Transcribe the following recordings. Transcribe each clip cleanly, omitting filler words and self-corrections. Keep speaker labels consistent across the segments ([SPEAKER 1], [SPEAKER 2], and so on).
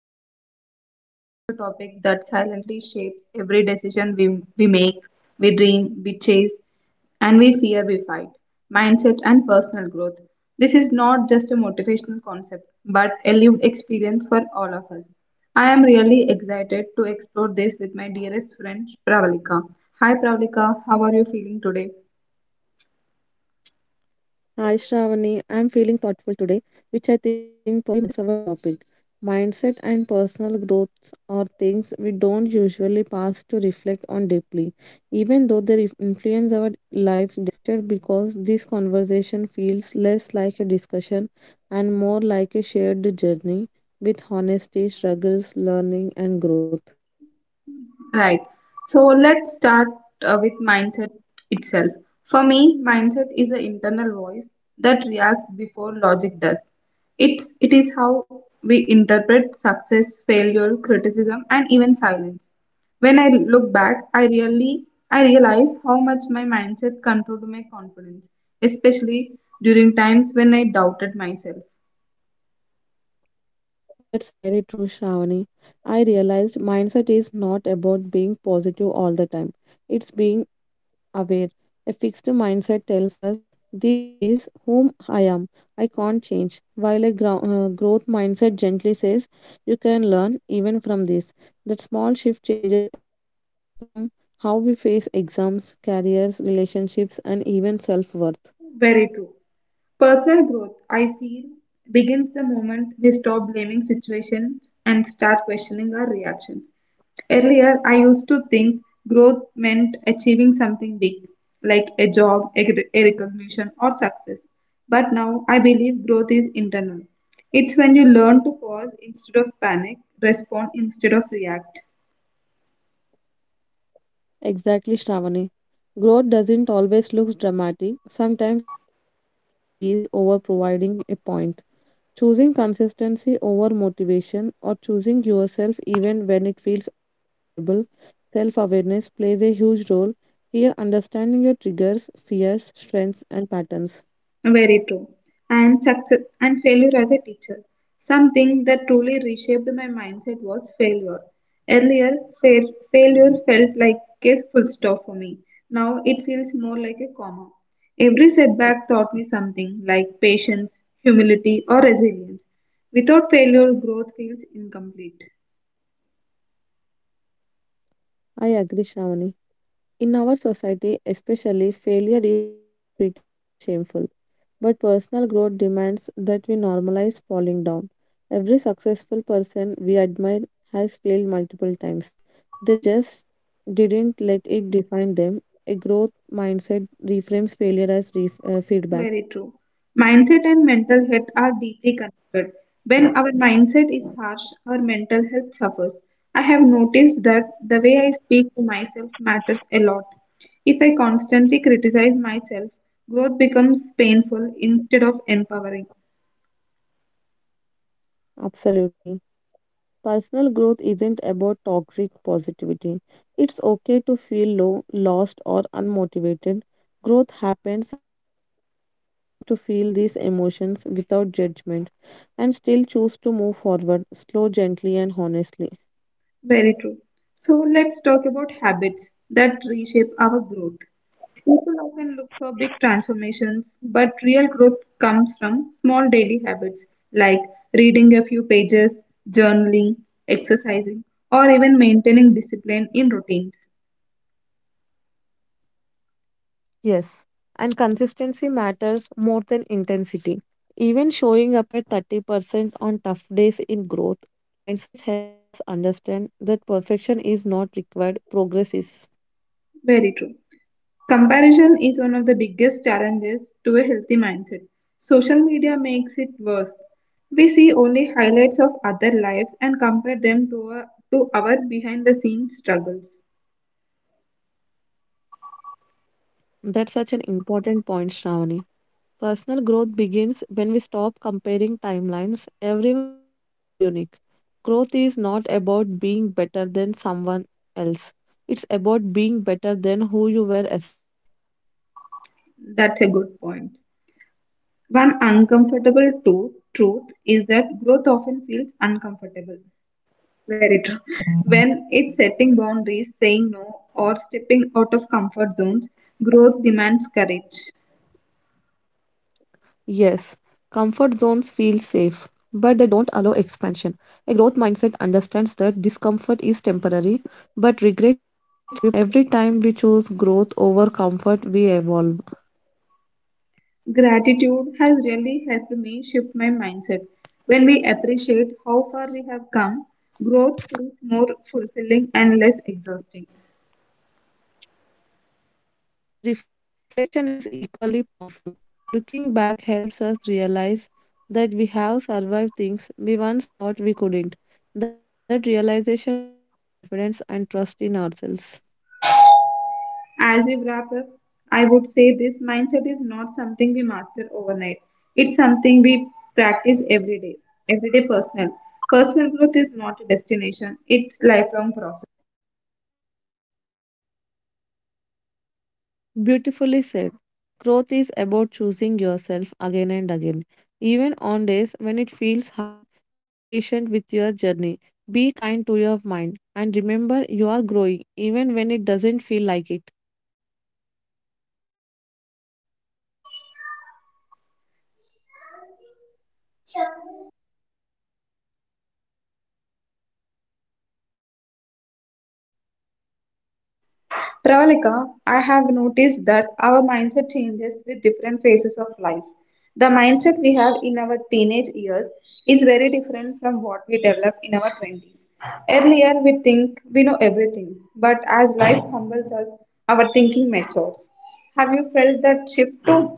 [SPEAKER 1] and today we are diving into a topic that silently shapes every decision we make, we dream, we chase, and we fear we fight mindset and personal growth. This is not just a motivational concept but a lived experience for all of us. I am really excited to explore this with my dearest friend Pravalika. Hi Pravalika, how are you feeling today?
[SPEAKER 2] Hi Shravani, I'm feeling thoughtful today, which I think perfectly matches our topic. Mindset and personal growths are things we don't usually pass to reflect on deeply, even though they influence our lives daily. I'm excited because this conversation feels less like a discussion and more like a shared journey with honesty, struggles, learning, and growth.
[SPEAKER 1] Right. So let's start with mindset itself. For me, mindset is an internal voice that reacts before logic does. It is how we interpret success, failure, criticism, and even silence. When I look back, I realize how much my mindset controlled my confidence, especially during times when I doubted myself.
[SPEAKER 2] That's very true, Shravani. I realized mindset is not about being positive all the time. It's being aware. A fixed mindset tells us this is whom I am. I can't change. While a growth mindset gently says you can learn even from this. That small shift changes everything from how we face exams, careers, relationships, and even self worth.
[SPEAKER 1] Very true. Personal growth, I feel, begins the moment we stop blaming situations and start questioning our reactions. Earlier, I used to think growth meant achieving something big, like a job, a recognition, or success. But now I believe growth is internal. It's when you learn to pause instead of panic, respond instead of react.
[SPEAKER 2] Exactly, Shravani. Growth doesn't always look dramatic. Sometimes it quickly choosing peace over providing a point. Choosing consistency over motivation or choosing yourself even when it feels uncomfortable, self awareness plays a huge role here, understanding your triggers, fears, strengths, and patterns.
[SPEAKER 1] Very true. And success and failure as a teacher. Something that truly reshaped my mindset was failure. Earlier, failure felt like a full stop for me. Now it feels more like a comma. Every setback taught me something like patience, humility, or resilience. Without failure, growth feels incomplete.
[SPEAKER 2] I agree, Shravani. In our society, especially, failure is often treated as shameful. But personal growth demands that we normalize falling down. Every successful person we admire has failed multiple times. They just didn't let it define them. A growth mindset reframes failure as feedback.
[SPEAKER 1] Very true. Mindset and mental health are deeply connected. When our mindset is harsh, our mental health suffers. I have noticed that the way I speak to myself matters a lot. If I constantly criticize myself, growth becomes painful instead of empowering.
[SPEAKER 2] Absolutely. Personal growth isn't about toxic positivity. It's okay to feel low, lost, or unmotivated. Growth happens when we allow ourselves to feel these emotions without judgment and still choose to move forward, slow, gently, and honestly.
[SPEAKER 1] Very true. So let's talk about habits that reshape our growth. People often look for big transformations, but real growth comes from small daily habits like reading a few pages, journaling, exercising, or even maintaining discipline in routines.
[SPEAKER 2] Yes, and consistency matters more than intensity. Even showing up at 30% on tough days in growth mindset helps us understand that perfection is not required, progress is.
[SPEAKER 1] Very true. Comparison is one of the biggest challenges to a healthy mindset. Social media makes it worse. We see only highlights of other lives and compare them to our behind the scenes struggles.
[SPEAKER 2] That's such an important point, Shravani. Personal growth begins when we stop comparing timelines. Everyone's journey is unique. Growth is not about being better than someone else, it's about being better than who you were yesterday.
[SPEAKER 1] That's a good point. One truth is that growth often feels uncomfortable. Very true. When it's setting boundaries, saying no, or stepping out of comfort zones, growth demands courage. Gratitude has really helped me shift my mindset. When we appreciate how far we have come, growth feels more fulfilling and less exhausting.
[SPEAKER 2] Reflection is equally powerful. Looking back helps us realize that we have survived things we once thought we couldn't. That realization builds confidence and trust in ourselves.
[SPEAKER 1] As we wrap up, I would say this mindset is not something we master overnight. It's something we practice every day, everyday personal. Personal growth is not a destination, it's lifelong process.
[SPEAKER 2] Beautifully said. Growth is about choosing yourself again and again. Even on days when it feels hard, be patient with your journey. Be kind to your mind and remember you are growing even when it doesn't feel like it.
[SPEAKER 1] Pravalika, I have noticed that our mindset changes with different phases of life. The mindset we have in our teenage years is very different from what we develop in our 20s. Earlier, we think we know everything, but as life humbles us, our thinking matures. Have you felt that shift too?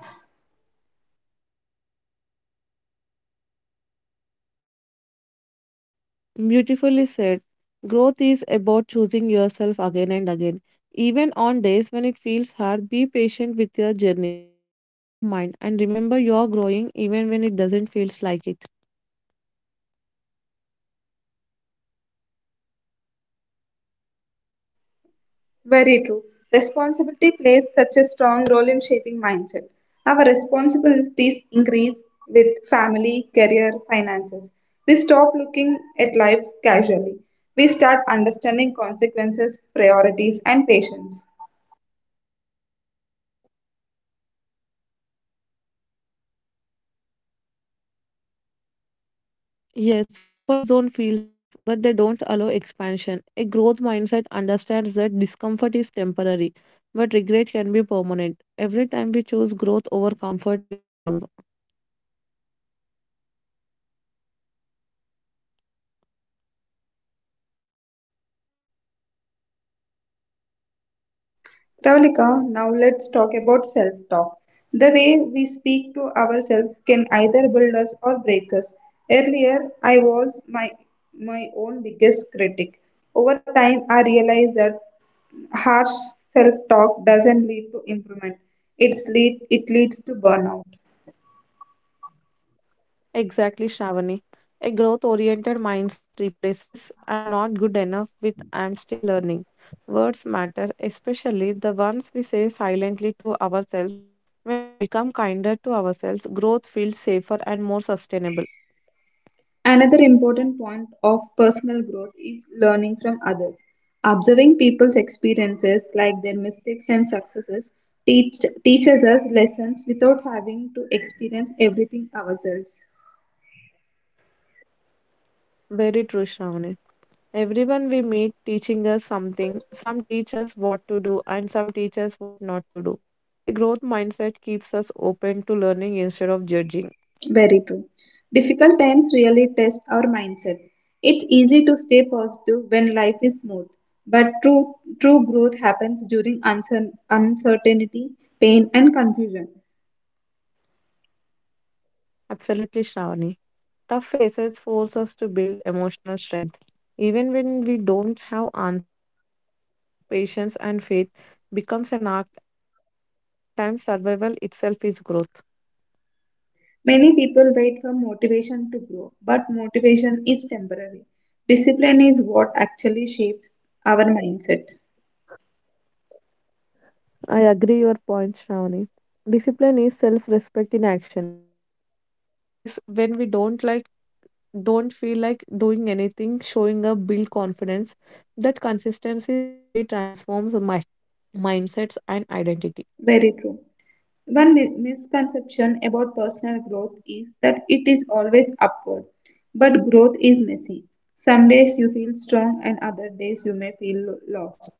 [SPEAKER 2] Beautifully said. Growth is about choosing yourself again and again. Even on days when it feels hard, be patient with your journey. Be kind to your mind and remember you're growing even when it doesn't feel like it.
[SPEAKER 1] Very true. Responsibility plays such a strong role in shaping mindset. Our responsibilities increase with family, career, finances. We stop looking at life casually. We start understanding consequences, priorities, and patience.
[SPEAKER 2] Yes, comfort zone feels safe, but they don't allow expansion. A growth mindset understands that discomfort is temporary, but regret can be permanent. Every time we choose growth over comfort, we evolve.
[SPEAKER 1] Pravalika, now let's talk about self talk. The way we speak to ourselves can either build us or break us. Earlier, my own biggest critic. Over time, I realized that harsh self talk doesn't lead to improvement, it leads to burnout.
[SPEAKER 2] Exactly, Shravani. A growth oriented mindset replaces I'm not good enough with I'm still learning. Words matter, especially the ones we say silently to ourselves. When we become kinder to ourselves, growth feels safer and more sustainable.
[SPEAKER 1] Another important point of personal growth is learning from others. Observing people's experiences, like their mistakes and successes, teach, teaches us lessons without having to experience everything ourselves.
[SPEAKER 2] Very true, Shravani. Everyone we meet teaching us something. Some teach us what to do, and some teach us what not to do. A growth mindset keeps us open to learning instead of judging.
[SPEAKER 1] Very true. Difficult times really test our mindset. It's easy to stay positive when life is smooth, but true growth happens during uncertainty, pain, and confusion.
[SPEAKER 2] Absolutely, Shravani. Tough phases force us to build emotional strength. Even when we don't have answers, choosing hope, patience, and faith becomes an act of growth. Sometimes survival itself is growth.
[SPEAKER 1] Many people wait for motivation to grow, but motivation is temporary. Discipline is what actually shapes our mindset.
[SPEAKER 2] I agree your point, Shravani. Discipline is self-respect in action. Even on days when we don't feel like doing anything, showing up build confidence. That consistency slowly transforms mindsets and identity.
[SPEAKER 1] Very true. One misconception about personal growth is that it is always upward, but growth is messy. Some days you feel strong, and other days you may feel lost.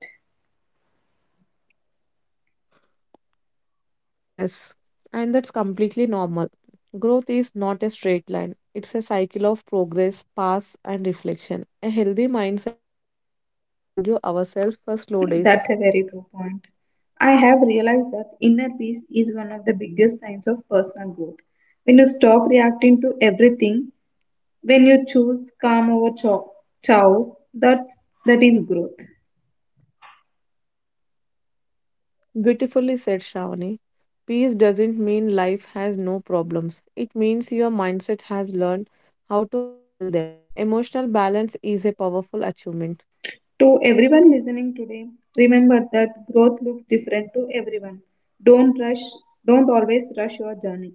[SPEAKER 2] Yes, and that's completely normal. Growth is not a straight line, it's a cycle of progress, pass, and reflection. A healthy mindset allows us to forgive ourselves for slow days.
[SPEAKER 1] That's a very true point. I have realized that inner peace is one of the biggest signs of personal growth. When you stop reacting to everything. When you choose calm over chaos, that is growth.
[SPEAKER 2] Beautifully said, Shravani. Peace doesn't mean life has no problems, it means your mindset has learned how to handle them. Emotional balance is a powerful achievement.
[SPEAKER 1] To everyone listening today, remember that growth looks different to everyone. Don't rush, don't always rush your journey.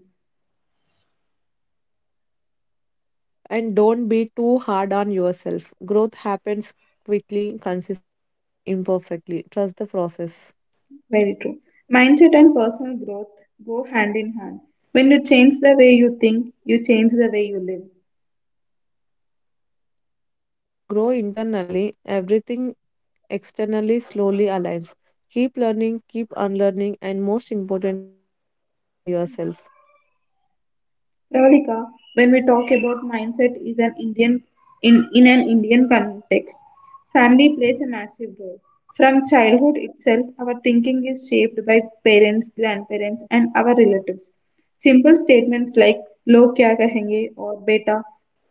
[SPEAKER 2] And don't be too hard on yourself. Growth happens quickly, consistently, and imperfectly. Trust the process.
[SPEAKER 1] Very true. Mindset and personal growth go hand in hand. When you change the way you think, you change the way you live.
[SPEAKER 2] And when you grow internally, everything externally slowly aligns. Keep learning, keep unlearning, and most importantly, keep believing in yourself.
[SPEAKER 1] Ravalika, when we talk about mindset is an Indian in an Indian context, family plays a massive role. From childhood itself, our thinking is shaped by parents, grandparents, and our relatives. Simple statements like "log क्या कहेंगे" or "बेटा,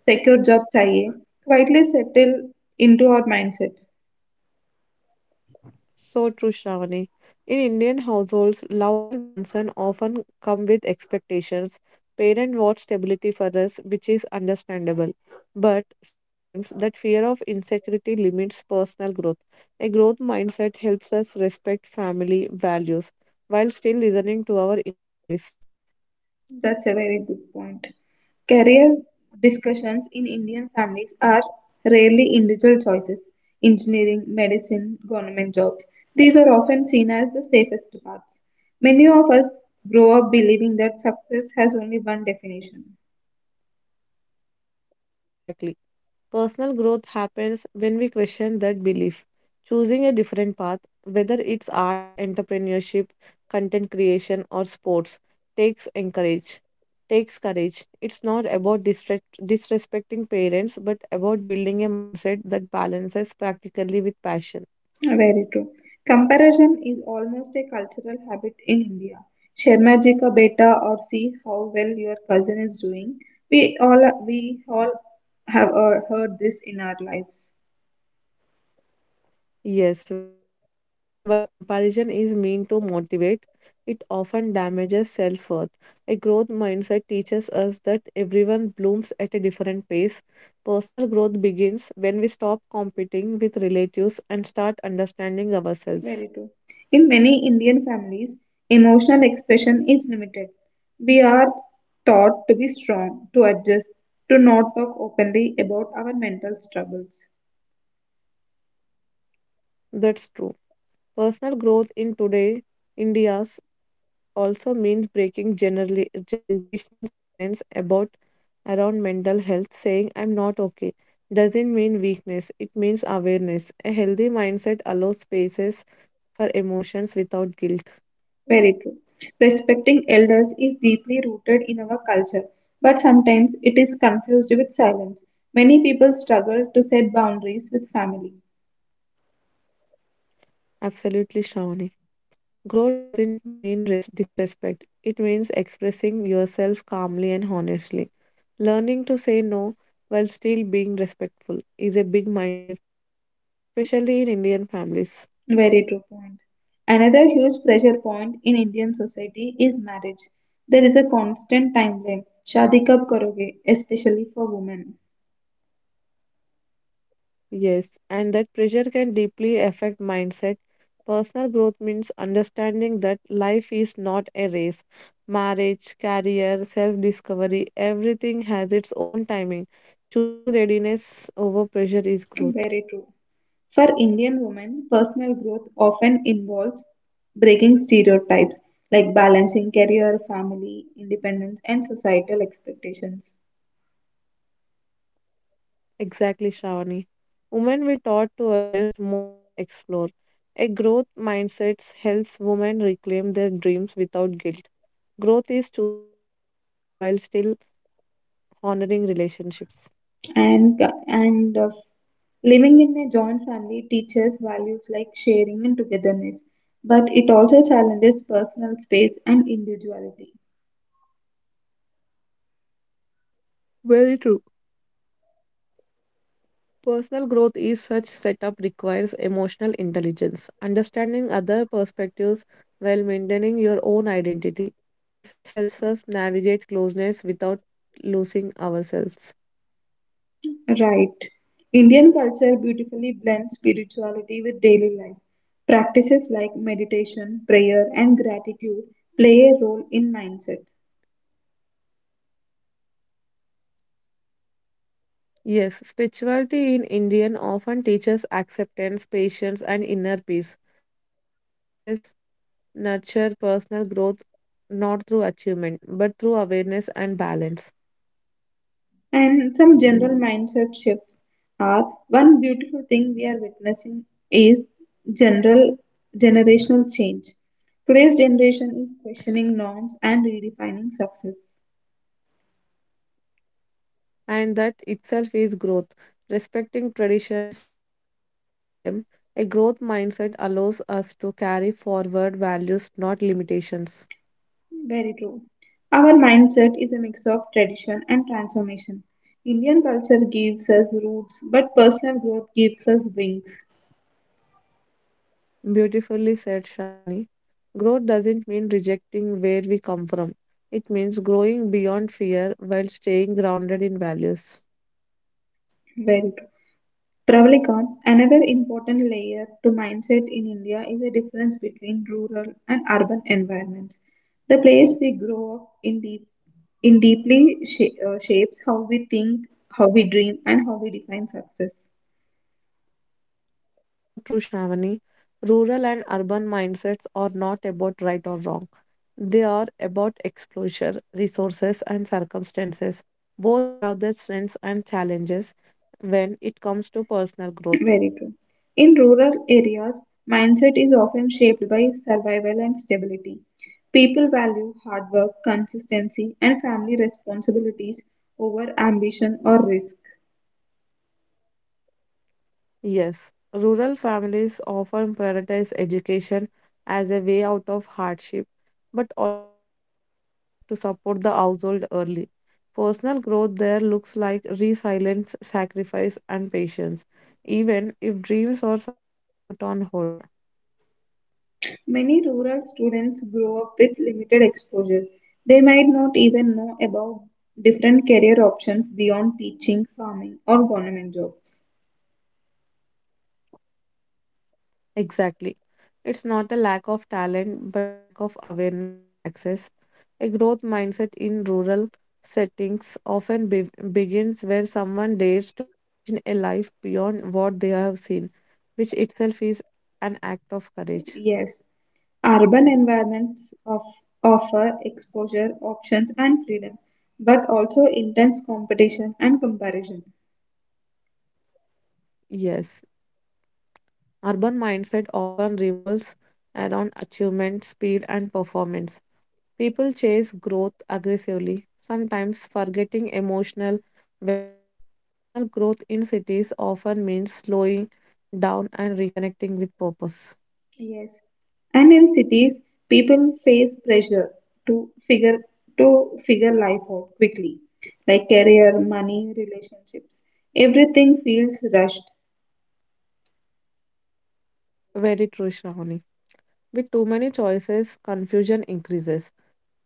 [SPEAKER 1] secure job चाहिए" quietly settle into our mindset.
[SPEAKER 2] So true, Shravani. In Indian households, love and concern often come with expectations. Parents want stability for us, which is understandable. But sometimes that fear of insecurity limits personal growth. A growth mindset helps us respect family values while still listening to our inner voice.
[SPEAKER 1] That's a very good point. Career discussions in Indian families are rarely individual choices. Engineering, medicine, government jobs. These are often seen as the safest paths. Many of us grow up believing that success has only one definition.
[SPEAKER 2] Exactly. Personal growth happens when we question that belief, choosing a different path, whether it's arts, entrepreneurship, content creation, or sports, takes encourage. Takes courage. It's not about disrespecting parents, but about building a mindset that balances practically with passion.
[SPEAKER 1] Very true. Comparison is almost a cultural habit in India. Sharma ji ka beta or see how well your cousin is doing. We all have heard this in our lives.
[SPEAKER 2] Yes, very true. And while comparison is meant to motivate, it often damages self worth. A growth mindset teaches us that everyone blooms at a different pace. Personal growth begins when we stop competing with relatives and start understanding ourselves.
[SPEAKER 1] Very true. In many Indian families, emotional expression is limited. We are taught to be strong, to adjust, to not talk openly about our mental struggles.
[SPEAKER 2] That's true. Personal growth in today India's also means breaking generally generational silence about around mental health, saying I'm not okay doesn't mean weakness, it means awareness. A healthy mindset allows spaces for emotions without guilt.
[SPEAKER 1] Very true. Respecting elders is deeply rooted in our culture, but sometimes it is confused with silence. Many people struggle to set boundaries with family.
[SPEAKER 2] Absolutely, Shawni. Growth doesn't mean disrespect, it means expressing yourself calmly and honestly. Learning to say no while still being respectful is a big mindset shift, especially in Indian families.
[SPEAKER 1] Very true point. Another huge pressure point in Indian society is marriage. There is a constant timeline. Shadi kab karoge, especially for women.
[SPEAKER 2] Yes, and that pressure can deeply affect mindset. Personal growth means understanding that life is not a race. Marriage, career, self discovery, everything has its own timing. Choosing readiness over pressure is growth.
[SPEAKER 1] Very true. For Indian women, personal growth often involves breaking stereotypes like balancing career, family, independence, and societal expectations.
[SPEAKER 2] Exactly, Shravani. Women we taught to adjust more than explore. A growth mindset helps women reclaim their dreams without guilt. Growth is choosing yourself while still honoring relationships.
[SPEAKER 1] and and living in a joint family teaches values like sharing and togetherness, but it also challenges personal space and individuality.
[SPEAKER 2] Very true. Personal growth is such setup requires emotional intelligence, understanding other perspectives while maintaining your own identity. Mindset helps us navigate closeness without losing ourselves.
[SPEAKER 1] Right. Indian culture beautifully blends spirituality with daily life, practices like meditation, prayer, and gratitude play a role in mindset.
[SPEAKER 2] Yes, spirituality in Indian often teaches acceptance, patience, and inner peace. These practices nurture personal growth not through achievement but through awareness and balance.
[SPEAKER 1] And some general mindset shifts are one beautiful thing we are witnessing is general generational change. Today's generation is questioning norms and redefining success.
[SPEAKER 2] And that itself is growth, respecting traditions while evolving them. A growth mindset allows us to carry forward values, not limitations.
[SPEAKER 1] Very true. Our mindset is a mix of tradition and transformation. Indian culture gives us roots, but personal growth gives us wings.
[SPEAKER 2] Beautifully said, Shravani. Growth doesn't mean rejecting where we come from, it means growing beyond fear while staying grounded in values.
[SPEAKER 1] Very true. Pravalika, another important layer to mindset in India is the difference between rural and urban environments. The place we grow up in, deeply shapes how we think, how we dream, and how we define success.
[SPEAKER 2] So true, Shravani. Rural and urban mindsets are not about right or wrong. They are about exposure, resources, and circumstances. Both have their strengths and challenges when it comes to personal growth.
[SPEAKER 1] Very true. In rural areas, mindset is often shaped by survival and stability. People value hard work, consistency, and family responsibilities over ambition or risk.
[SPEAKER 2] Yes, rural families often prioritize education as a way out of hardship, but also expect children to support the household early. Personal growth there looks like resilience, sacrifice, and patience, even if dreams are sometimes put on hold.
[SPEAKER 1] Many rural students grow up with limited exposure. They might not even know about different career options beyond teaching, farming, or government jobs.
[SPEAKER 2] Exactly. It's not a lack of talent, but lack of awareness and access. A growth mindset in rural settings often begins where someone dares to imagine a life beyond what they have seen, which itself is an act of courage.
[SPEAKER 1] Yes, urban offer exposure, options, and freedom, but also intense competition and comparison.
[SPEAKER 2] Yes, urban mindset often revolves around achievement, speed, and performance. People chase growth aggressively, sometimes forgetting emotional well being. Personal growth in cities often means slowing down and reconnecting with purpose.
[SPEAKER 1] Yes. And in cities, people face pressure to figure to figure life out quickly, like career, money, relationships. Everything feels rushed.
[SPEAKER 2] Very true, Shravani. With too many choices, confusion increases.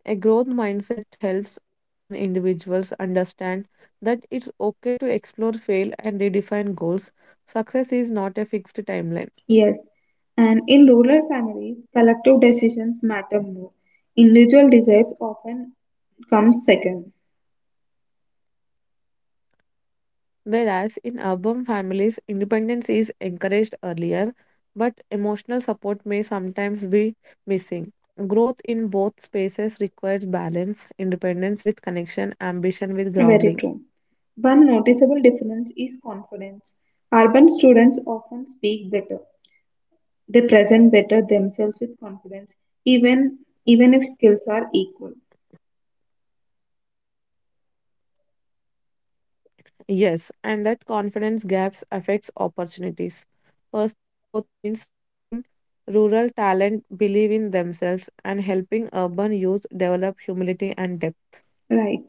[SPEAKER 2] A growth mindset helps urban individuals understand that it's okay to explore, fail, and redefine goals. Success is not a fixed timeline.
[SPEAKER 1] Yes. And in rural families, collective decisions matter more. Individual desires often comes second.
[SPEAKER 2] Whereas in urban families, independence is encouraged earlier, but emotional support may sometimes be missing. Growth in both spaces requires balance, independence with connection, ambition with
[SPEAKER 1] Very
[SPEAKER 2] grounding.
[SPEAKER 1] true. One noticeable difference is confidence. Urban students often speak better. They present better themselves with confidence, even even if skills are equal.
[SPEAKER 2] Yes, and that confidence gaps affects opportunities. Personal growth means helping rural talent believe in themselves and helping urban youth develop humility and depth.
[SPEAKER 1] Right.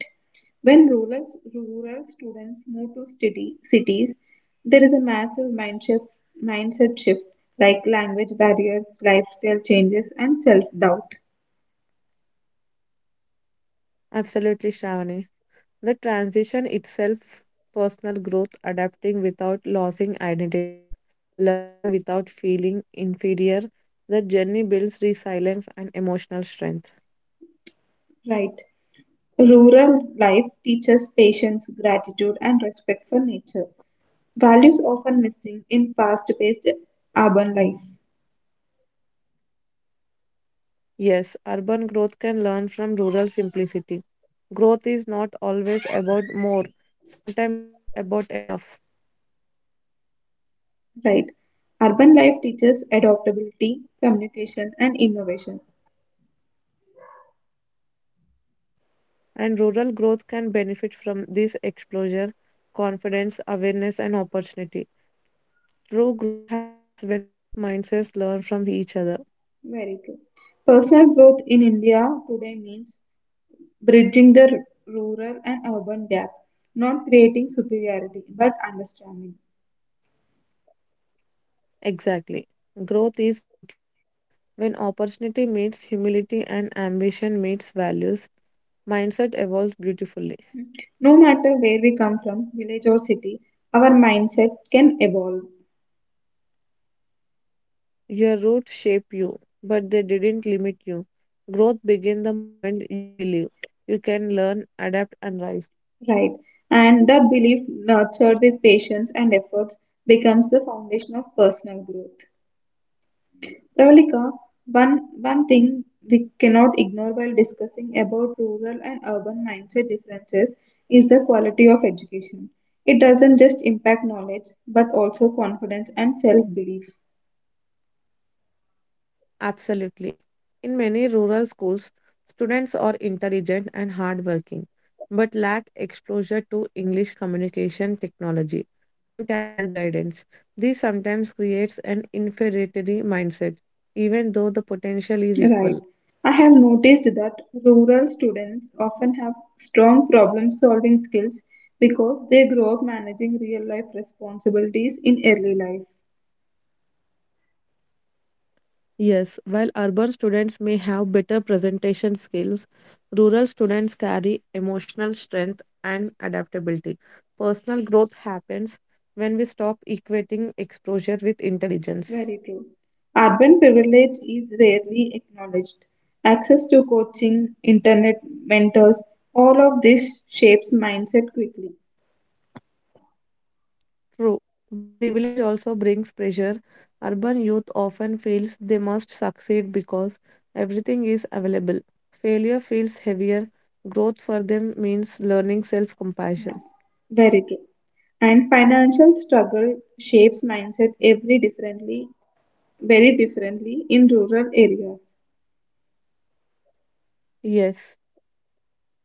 [SPEAKER 1] When rural students move to cities, there is a mindset shift, like language barriers, lifestyle changes, and self doubt.
[SPEAKER 2] Absolutely, Shravani. The transition itself, personal growth, adapting without losing identity, learning without feeling inferior, the journey builds resilience and emotional strength.
[SPEAKER 1] Right. Rural life teaches patience, gratitude, and respect for nature. Values often missing in fast paced urban life.
[SPEAKER 2] Yes, urban growth can learn from rural simplicity. Growth is not always about more, sometimes it's about enough.
[SPEAKER 1] Right. Urban life teaches adaptability, communication, and innovation.
[SPEAKER 2] And rural growth can benefit from this exposure, confidence, awareness, and opportunity. True growth happens when both mindsets learn from each other.
[SPEAKER 1] Very true. Personal growth in India today means bridging the rural and urban gap, not creating superiority, but understanding.
[SPEAKER 2] Exactly. Growth is inclusive when opportunity meets humility and ambition meets values. Mindset evolves beautifully.
[SPEAKER 1] Hmm. No matter where we come from, village or city, our mindset can evolve,
[SPEAKER 2] Your roots shape you, but they didn't limit you. Growth begins the moment you believe you can learn, adapt, and rise.
[SPEAKER 1] right? And that belief, nurtured with patience and efforts, becomes the foundation of personal growth. Pravalika, one thing we cannot ignore while discussing about rural and urban mindset differences is the quality of education. It doesn't just impact knowledge but also confidence and self belief.
[SPEAKER 2] Absolutely. In many rural schools, students are intelligent and hardworking, but lack exposure to English communication technology and career guidance. This sometimes creates an inferiority mindset, even though the potential is
[SPEAKER 1] Right.
[SPEAKER 2] equal.
[SPEAKER 1] I have noticed that rural students often have strong problem solving skills because they grow up managing real life responsibilities in early life.
[SPEAKER 2] Yes, while urban students may have better presentation skills, rural students carry emotional strength and adaptability. Personal growth happens when we stop equating exposure with intelligence.
[SPEAKER 1] Very true. Urban privilege is rarely acknowledged. Access to coaching, internet mentors, all of this shapes mindset quickly.
[SPEAKER 2] True, but privilege also brings pressure. Urban youth often feels they must succeed because everything is available. Failure feels heavier. Growth for them means learning self compassion.
[SPEAKER 1] Very true. And financial struggle shapes mindset very differently in rural areas.
[SPEAKER 2] Yes.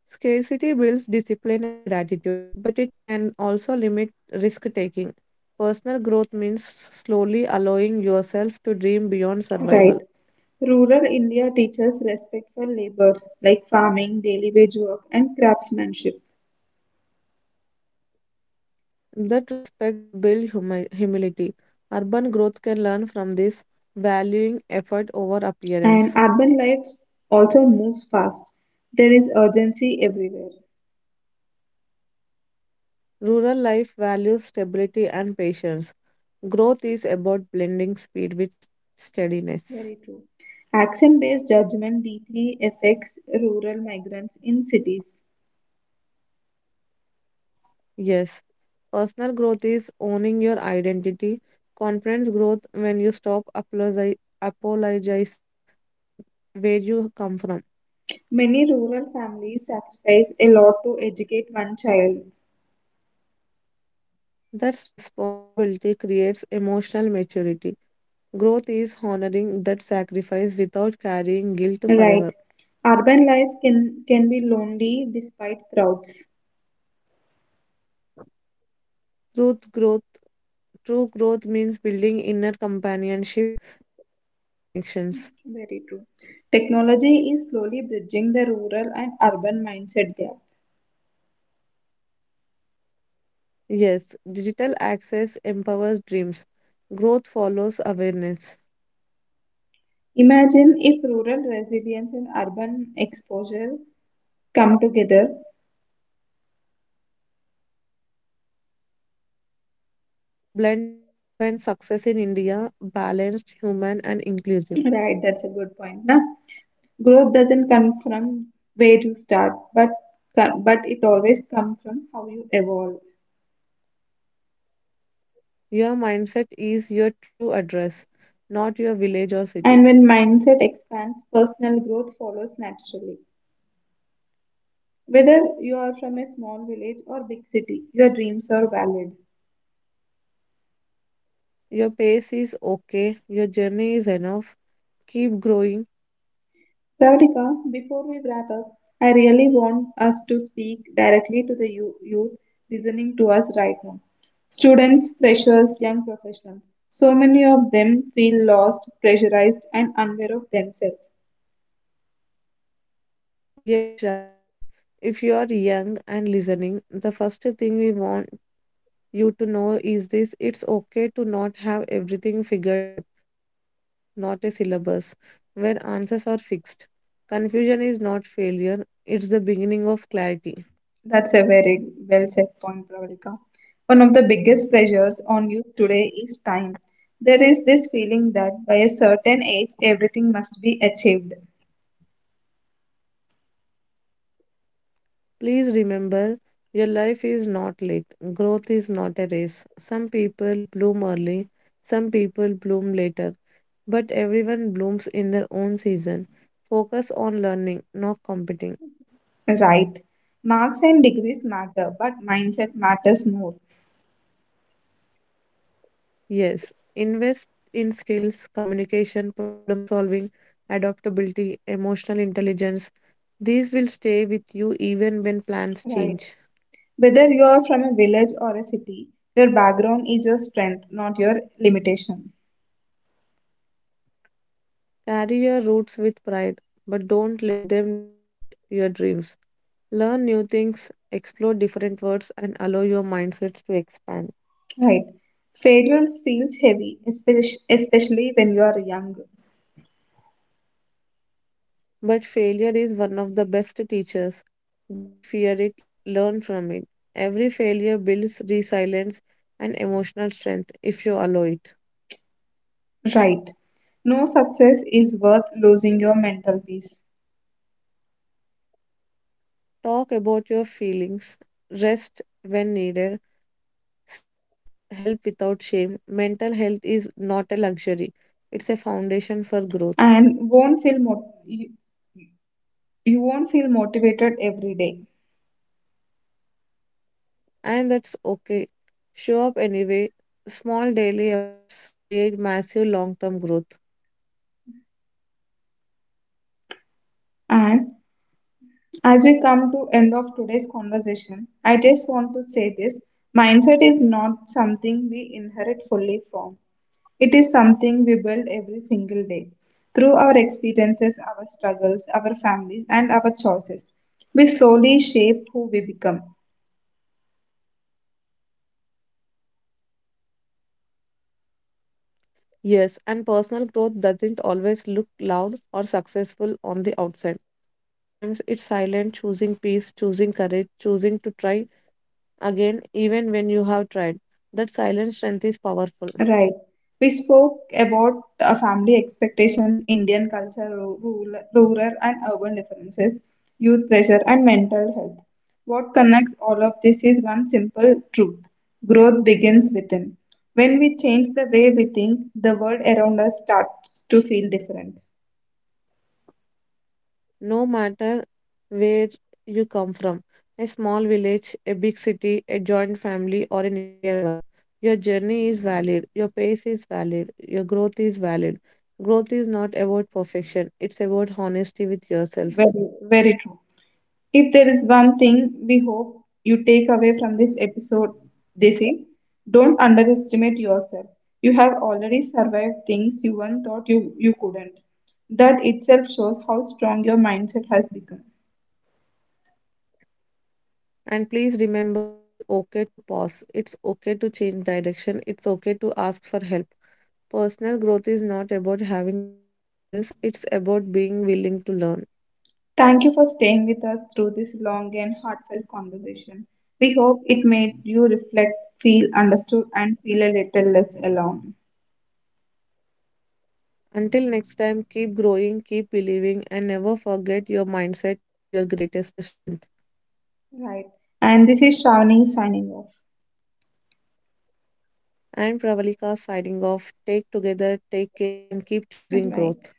[SPEAKER 2] Scarcity builds discipline and gratitude, but it can also limit risk taking. Personal growth means slowly allowing yourself to dream beyond
[SPEAKER 1] Right.
[SPEAKER 2] survival.
[SPEAKER 1] Rural India teaches respect for labors like farming, daily wage work, and craftsmanship.
[SPEAKER 2] That respects build humility. Urban growth can learn from this, valuing effort over
[SPEAKER 1] And
[SPEAKER 2] appearance.
[SPEAKER 1] urban life also moves fast. There is urgency everywhere.
[SPEAKER 2] Rural life values stability and patience. Growth is about blending speed with steadiness.
[SPEAKER 1] Very true. Action based judgment deeply affects rural migrants in cities.
[SPEAKER 2] Yes. Personal growth is owning your identity. Confidence growth when you stop apologizing for where you come from.
[SPEAKER 1] Many rural families sacrifice a lot to educate one child.
[SPEAKER 2] That's responsibility creates emotional maturity. Growth is honoring that sacrifice without carrying guilt
[SPEAKER 1] Right.
[SPEAKER 2] forever.
[SPEAKER 1] Urban life can be lonely despite crowds.
[SPEAKER 2] Truth growth, true growth means building inner companionship and meaningful connections.
[SPEAKER 1] Very true. Technology is slowly bridging the rural and urban mindset gap.
[SPEAKER 2] Yes, digital access empowers dreams. Growth follows awareness.
[SPEAKER 1] Imagine if rural resilience and urban exposure come together.
[SPEAKER 2] That blend would redefine success in India balanced, human, and inclusive.
[SPEAKER 1] Right, that's a good point. Now, growth doesn't come from where you start, but but it always comes from how you evolve.
[SPEAKER 2] Your mindset is your true address, not your village or city.
[SPEAKER 1] And when mindset expands, personal growth follows naturally. Whether you are from a small village or big city, your dreams are valid.
[SPEAKER 2] Your pace is okay, your journey is enough. Keep growing.
[SPEAKER 1] Radhika, before we wrap up, I really want us to speak directly to the youth listening to us right now. Students, freshers, young professionals. So many of them feel lost, pressurized, and unaware of themselves.
[SPEAKER 2] Yes, Shravani. If you are young and listening, the first thing we want you to know is this: it's okay to not have everything figured out. Life is not a syllabus where answers are fixed. Confusion is not failure, it's the beginning of clarity.
[SPEAKER 1] That's a very well said point, Pravalika. One of the biggest pressures on youth today is time. There is this feeling that by a certain age, everything must be achieved.
[SPEAKER 2] Please remember your life is not late. Growth is not a race. Some people bloom early, some people bloom later, but everyone blooms in their own season. Focus on learning, not competing.
[SPEAKER 1] Right. Marks and degrees matter, but mindset matters more.
[SPEAKER 2] Yes, invest in skills, communication, problem solving, adaptability, emotional intelligence. These will stay with you even when plans
[SPEAKER 1] Right.
[SPEAKER 2] change.
[SPEAKER 1] Whether you are from a village or a city, your background is your strength, not your limitation.
[SPEAKER 2] Carry your roots with pride, but don't let them restrict your dreams. Learn new things, explore different worlds, and allow your mindsets to expand.
[SPEAKER 1] Right. Failure feels heavy, especially when you are young.
[SPEAKER 2] But failure is one of the best teachers. Don't fear it, learn from it. Every failure builds resilience and emotional strength if you allow it.
[SPEAKER 1] Right. No success is worth losing your mental peace.
[SPEAKER 2] Talk about your feelings, rest when needed, seek help without shame. Mental health is not a luxury, it's a foundation for growth.
[SPEAKER 1] And won't feel mo- you won't feel motivated every day.
[SPEAKER 2] And that's okay. Show up anyway. Small daily efforts create massive long term growth.
[SPEAKER 1] And as we come to end of today's conversation, I just want to say this mindset is not something we inherit fully from. It is something we build every single day through our experiences, our struggles, our families, and our choices. We slowly shape who we become.
[SPEAKER 2] Yes, and personal growth doesn't always look loud or successful on the outside. Sometimes it's silent, choosing peace, choosing courage, choosing to try again, even when you have tried. That silent strength is powerful.
[SPEAKER 1] Right. We spoke about family expectations, Indian culture, rural and urban differences, youth pressure, and mental health. What connects all of this is one simple truth, growth begins within. When we change the way we think, the world around us starts to feel different.
[SPEAKER 2] No matter where you come from, a small village, a big city, a joint family, or a nuclear one. Your journey is valid, your pace is valid, your growth is valid. Growth is not about perfection, it's about honesty with yourself.
[SPEAKER 1] Very, very true. If there is one thing we hope you take away from this episode, this is don't underestimate yourself. You have already survived things you once thought you couldn't. That itself shows how strong your mindset has become.
[SPEAKER 2] And please remember it's okay to pause, it's okay to change direction, it's okay to ask for help. Personal growth is not about having all the answers, it's about being willing to learn.
[SPEAKER 1] Thank you for staying with us through this long and heartfelt conversation. We hope it made you reflect, feel understood, and feel a little less alone.
[SPEAKER 2] Until next time, keep growing, keep believing, and never forget your mindset is your greatest strength.
[SPEAKER 1] Right. And this is Shawnee signing off.
[SPEAKER 2] I am Pravalika signing off. Take together, take care, and keep choosing
[SPEAKER 1] Right.
[SPEAKER 2] growth.